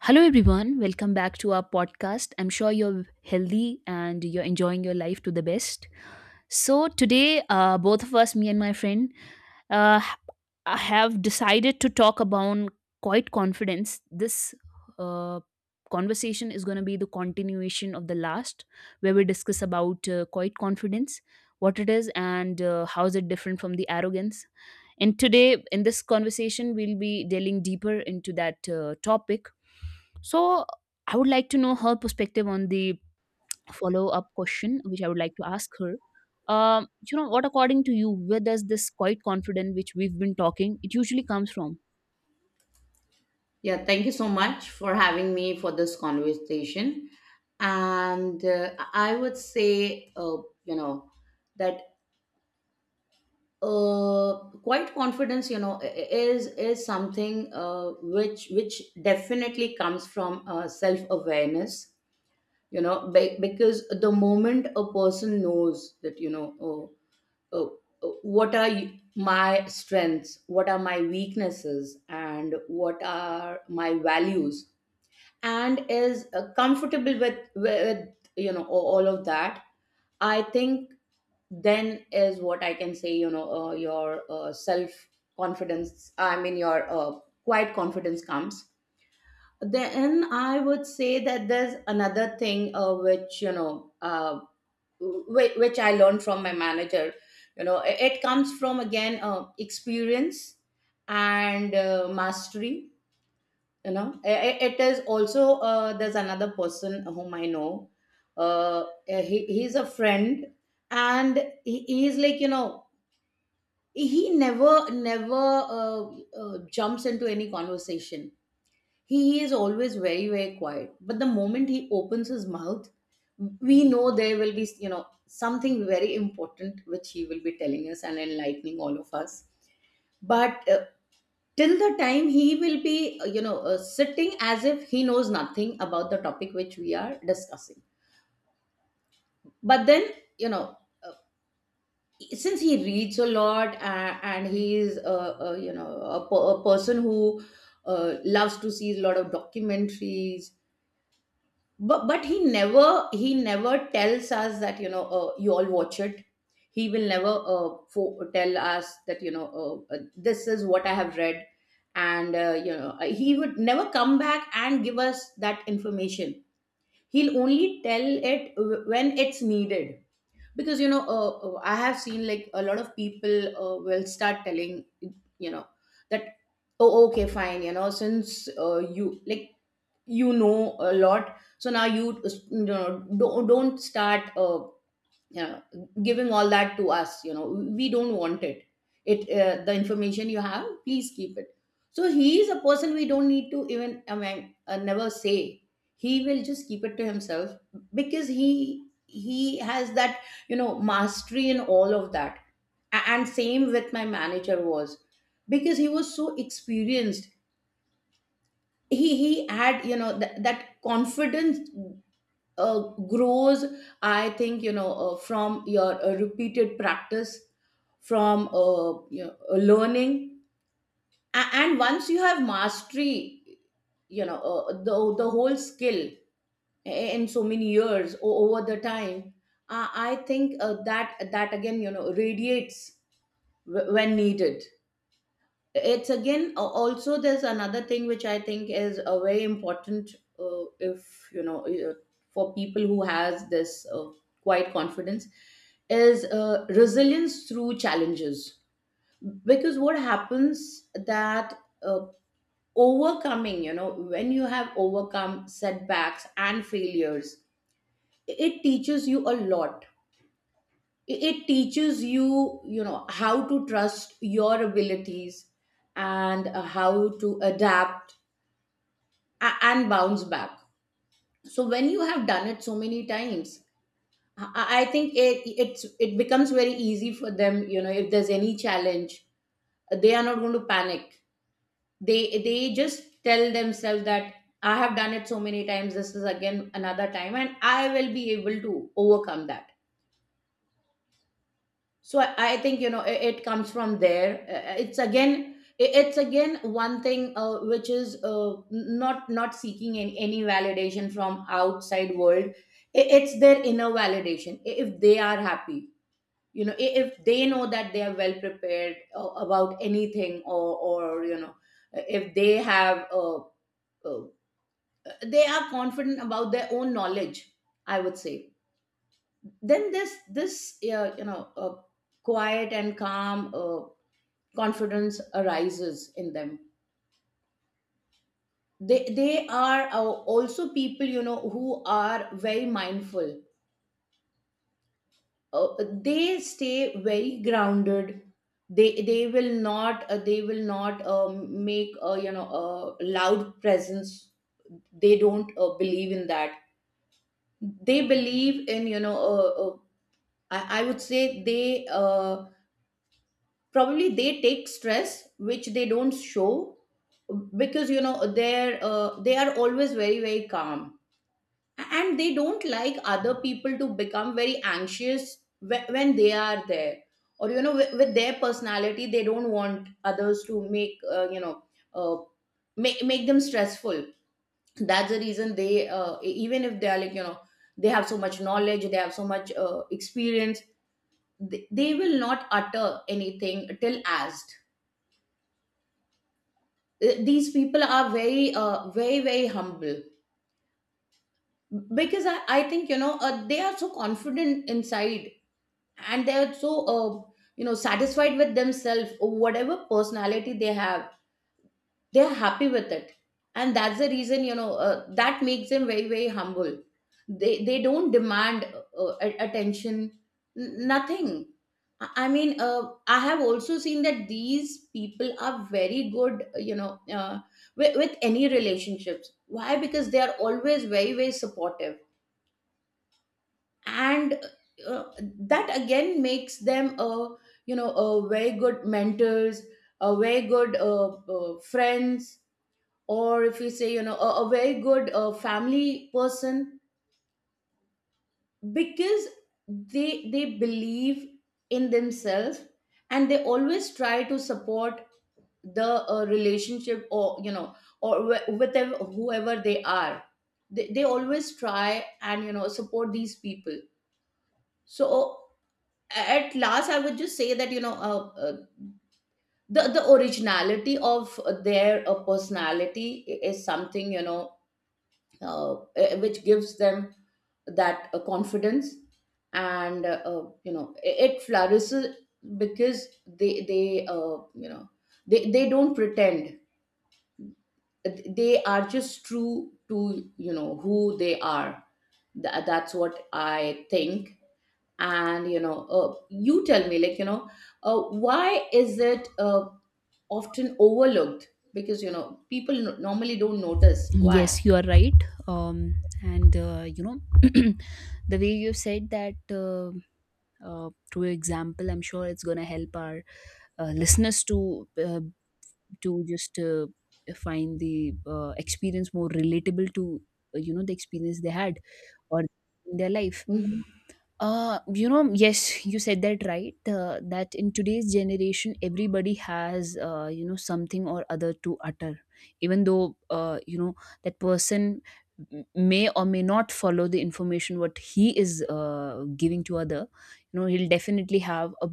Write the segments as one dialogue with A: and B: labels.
A: Hello, everyone. Welcome back to our podcast. I'm sure you're healthy and you're enjoying your life to the best. So today, both of us, me and my friend, uh, I have decided to talk about quite confidence. This uh, conversation is going to be the continuation of the last, where we discuss about quite confidence, what it is, and how is it different from the arrogance. And today, in this conversation, we'll be delving deeper into that topic, so I would like to know her perspective on the follow up question, which I would like to ask her. What according to you, where does this quiet confidence which we've been talking, it usually comes from?
B: Yeah, thank you so much for having me for this conversation. And I would say, you know, that quite confidence, is something which definitely comes from self awareness. Because the moment a person knows that, uh, uh, my strengths, what are my weaknesses, and what are my values, and is comfortable with all of that, I think, then is what I can say, your self confidence, I mean your quiet confidence comes. Then I would say that there's another thing which you know which I learned from my manager. It comes from, again, experience and mastery. You know I- it is also there's another person whom I know. He's a friend, and he's like, he never uh, jumps into any conversation. He is always very very quiet, but the moment he opens his mouth, we know there will be, something very important which he will be telling us and enlightening all of us. But till the time, he will be, sitting as if he knows nothing about the topic which we are discussing. But then, you know uh, since he reads a lot, and he is, a person who loves to see a lot of documentaries. But he never tells us that, you all watch it. He will never tell us that, this is what I have read. And, he would never come back and give us that information. He'll only tell it when it's needed. Because, I have seen, like, a lot of people will start telling, you know that, oh, okay, fine, since you like, a lot, so now you, don't start, you know, giving all that to us, we don't want it. The information you have, please keep it. So he is a person, we don't need to even, I mean, never say. He will just keep it to himself, because he has that, mastery in all of that. And same with my manager, was, because he was so experienced, he had, that confidence uh, grows, I think, from your repeated practice, from learning. And once you have mastery, the whole skill, in so many years, over the time, I think, that, again, radiates when needed. It's again, also there's another thing which I think is a very important, if you know for people who has this quite confidence, is resilience through challenges. Because what happens, that, uh, overcoming, when you have overcome setbacks and failures, it teaches you a lot. It teaches you, you know how to trust your abilities, and how to adapt and bounce back. So when you have done it so many times, I think it becomes very easy for them, if there's any challenge, they are not going to panic. They they just tell themselves that, I have done it so many times, this is again another time, and I will be able to overcome that. So I think, it comes from there. It's again one thing which is, not seeking any validation from outside world. It's their inner validation. If they are happy, if they know that they are well prepared about anything, or, if they have uh, they are confident about their own knowledge, I would say, then this uh, you know uh, quiet and calm confidence arises in them. They are, also people, who are very mindful. uh, they stay very grounded. They will not make a, a loud presence. They don't believe in that. They believe in, I would say, they probably, they take stress which they don't show, because, they are always very very calm. And they don't like other people to become very anxious when they are there, or, with their personality, they don't want others to make, uh, make them stressful. That's the reason they, even if they are, like, they have so much knowledge, they have so much experience, they will not utter anything till asked. These people are very, very very humble, because I think, they are so confident inside, and they are so, uh, satisfied with themselves, or whatever personality they have, they're happy with it. And that's the reason, that makes them very very humble. They don't demand, attention, nothing. I mean, I have also seen that these people are very good, you know uh, with any relationships. Why? Because they are always very very supportive, and, uh, that again makes them a, a very good mentors, a very good, friends, or, if you say, a very good family person, because they believe in themselves, and they always try to support the relationship, or, or whatever, whoever they are, they always try and, support these people. So, at last, I would just say that, the originality of their personality, is something, which gives them that confidence, and, it flourishes, because they you know they don't pretend. They are just true to, who they are. That's what I think. And, you tell me, like, why is it often overlooked, because, people normally don't notice why.
A: Yes, you are right. Um, and the way you said that through example, I'm sure it's gonna help our listeners to just find the experience more relatable to you know, the experience they had or in their life.
B: Mhm.
A: Yes, you said that right, that in today's generation everybody has, something or other to utter, even though, that person may or may not follow the information what he is giving to other. You know, he'll definitely have a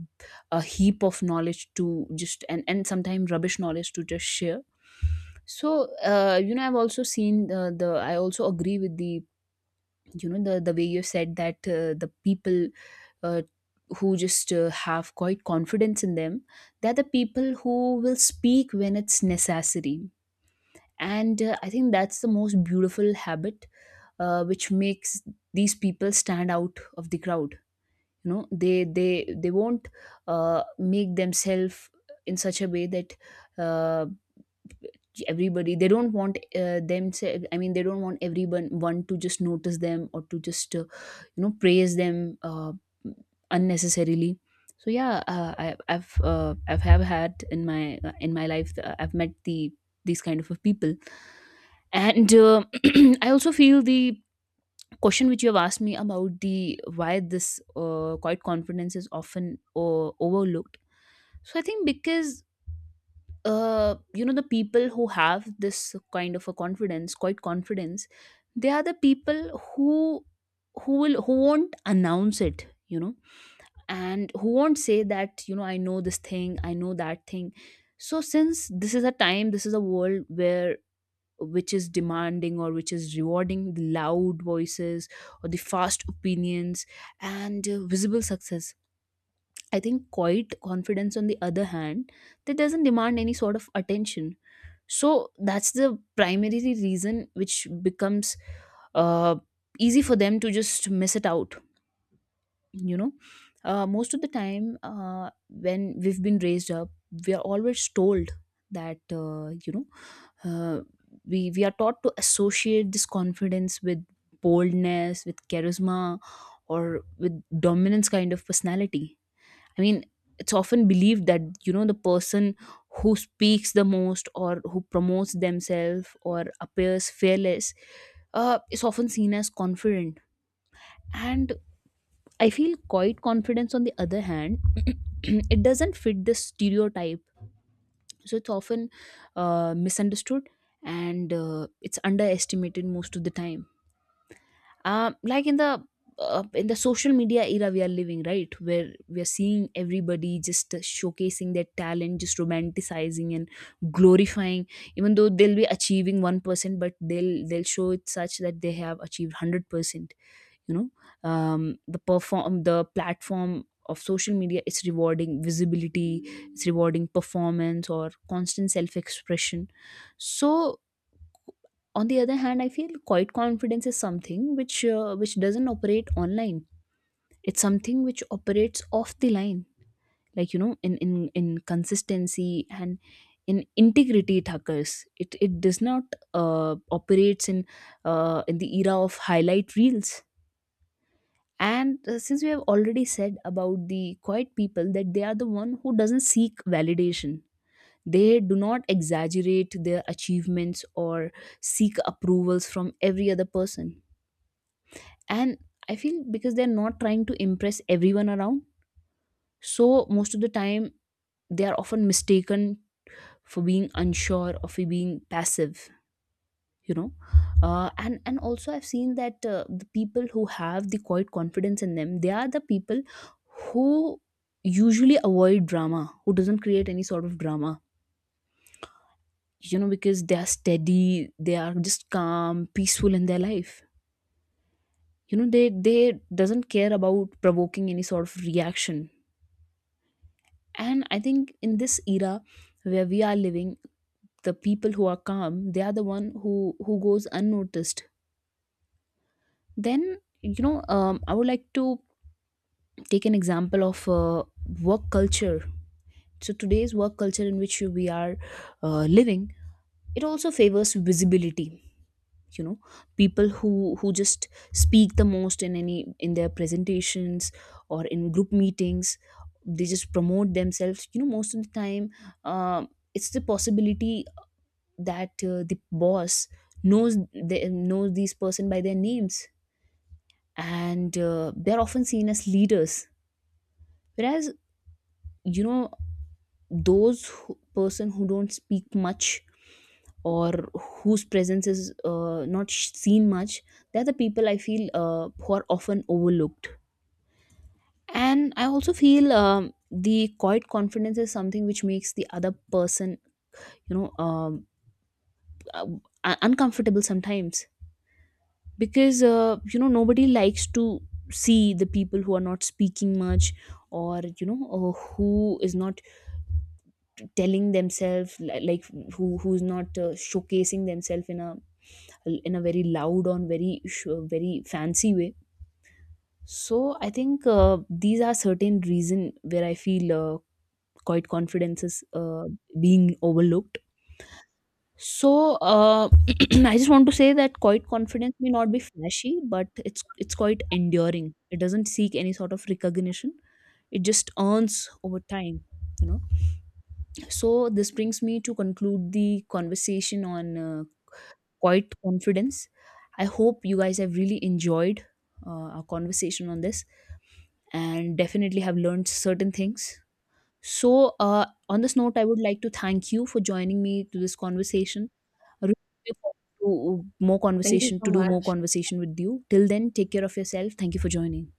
A: a heap of knowledge to just, and sometimes rubbish knowledge to just share. So you know, I've also seen the I also agree with the, you know, the way you said that the people, uh, who just have quite confidence in them, they're the people who will speak when it's necessary. And I think that's the most beautiful habit, which makes these people stand out of the crowd. You know, they won't make themselves in such a way that uh, everybody, they don't want themselves, I mean, they don't want everyone one to just notice them or to just praise them, unnecessarily. So yeah, I've have had in my life, I've met the these kind of people. And I also feel the question which you have asked me about the why this quiet confidence is often overlooked. So I think because the people who have this kind of a confidence, quiet confidence, they are the people who who will who won't announce it, you know, and who won't say that, you know, I know this thing, I know that thing. So since this is a time, this is a world where, which is demanding or which is rewarding the loud voices or the fast opinions and visible success. I think quiet confidence, on the other hand, that doesn't demand any sort of attention. So that's the primary reason which becomes uh, easy for them to just miss it out. You know, most of the time, when we've been raised up, we are always told that, uh, we are taught to associate this confidence with boldness, with charisma, or with dominance kind of personality. I mean, it's often believed that, you know, the person who speaks the most or who promotes themselves or appears fearless is often seen as confident. And I feel quiet confidence, on the other hand, it doesn't fit this stereotype. So it's often misunderstood, and it's underestimated most of the time. Like in the, in the social media era we are living, right, where we are seeing everybody just showcasing their talent, just romanticizing and glorifying, even though they'll be achieving 1%, but they'll show it such that they have achieved 100%. You know, the perform, the platform of social media is rewarding visibility, it's rewarding performance or constant self expression. So on the other hand, I feel quiet confidence is something which doesn't operate online. It's something which operates off the line, like you know, in consistency and in integrity it occurs. It does not operates in the era of highlight reels. And since we have already said about the quiet people that they are the one who doesn't seek validation, they do not exaggerate their achievements or seek approvals from every other person. And I feel because they're not trying to impress everyone around, so most of the time they are often mistaken for being unsure or for being passive. You know, and also I've seen that the people who have the quiet confidence in them, they are the people who usually avoid drama, who doesn't create any sort of drama. You know, because they are steady, they are just calm, peaceful in their life. You know, they doesn't care about provoking any sort of reaction. And I think in this era where we are living, the people who are calm, they are the one who goes unnoticed. Then, I would like to take an example of work culture. So today's work culture in which we are living, it also favors visibility. You know, people who just speak the most in any, in their presentations or in group meetings, they just promote themselves, you know, most of the time. uh, it's the possibility that the boss knows, they knows these person by their names, and they're often seen as leaders. Whereas, you know, those who, person who don't speak much, or whose presence is not seen much, they're the people, I feel, who are often overlooked. And I also feel, the quiet confidence is something which makes the other person, you know um, uh, uncomfortable sometimes, because you know, nobody likes to see the people who are not speaking much, or you know, who is not telling themselves like, who who's not showcasing themselves in a, in a very loud or very very fancy way. So I think these are certain reason where I feel quite confidence is being overlooked. So uh, I just want to say that quite confidence may not be flashy, but it's quite enduring. It doesn't seek any sort of recognition, it just earns over time, you know. So this brings me to conclude the conversation on quiet confidence. I hope you guys have really enjoyed our conversation on this and definitely have learned certain things. So on this note, I would like to thank you for joining me to this conversation. I really look forward to more
B: Thank you
A: conversation,
B: so
A: to do more
B: much.
A: conversation with you. Till then, take care of yourself. Thank you for joining.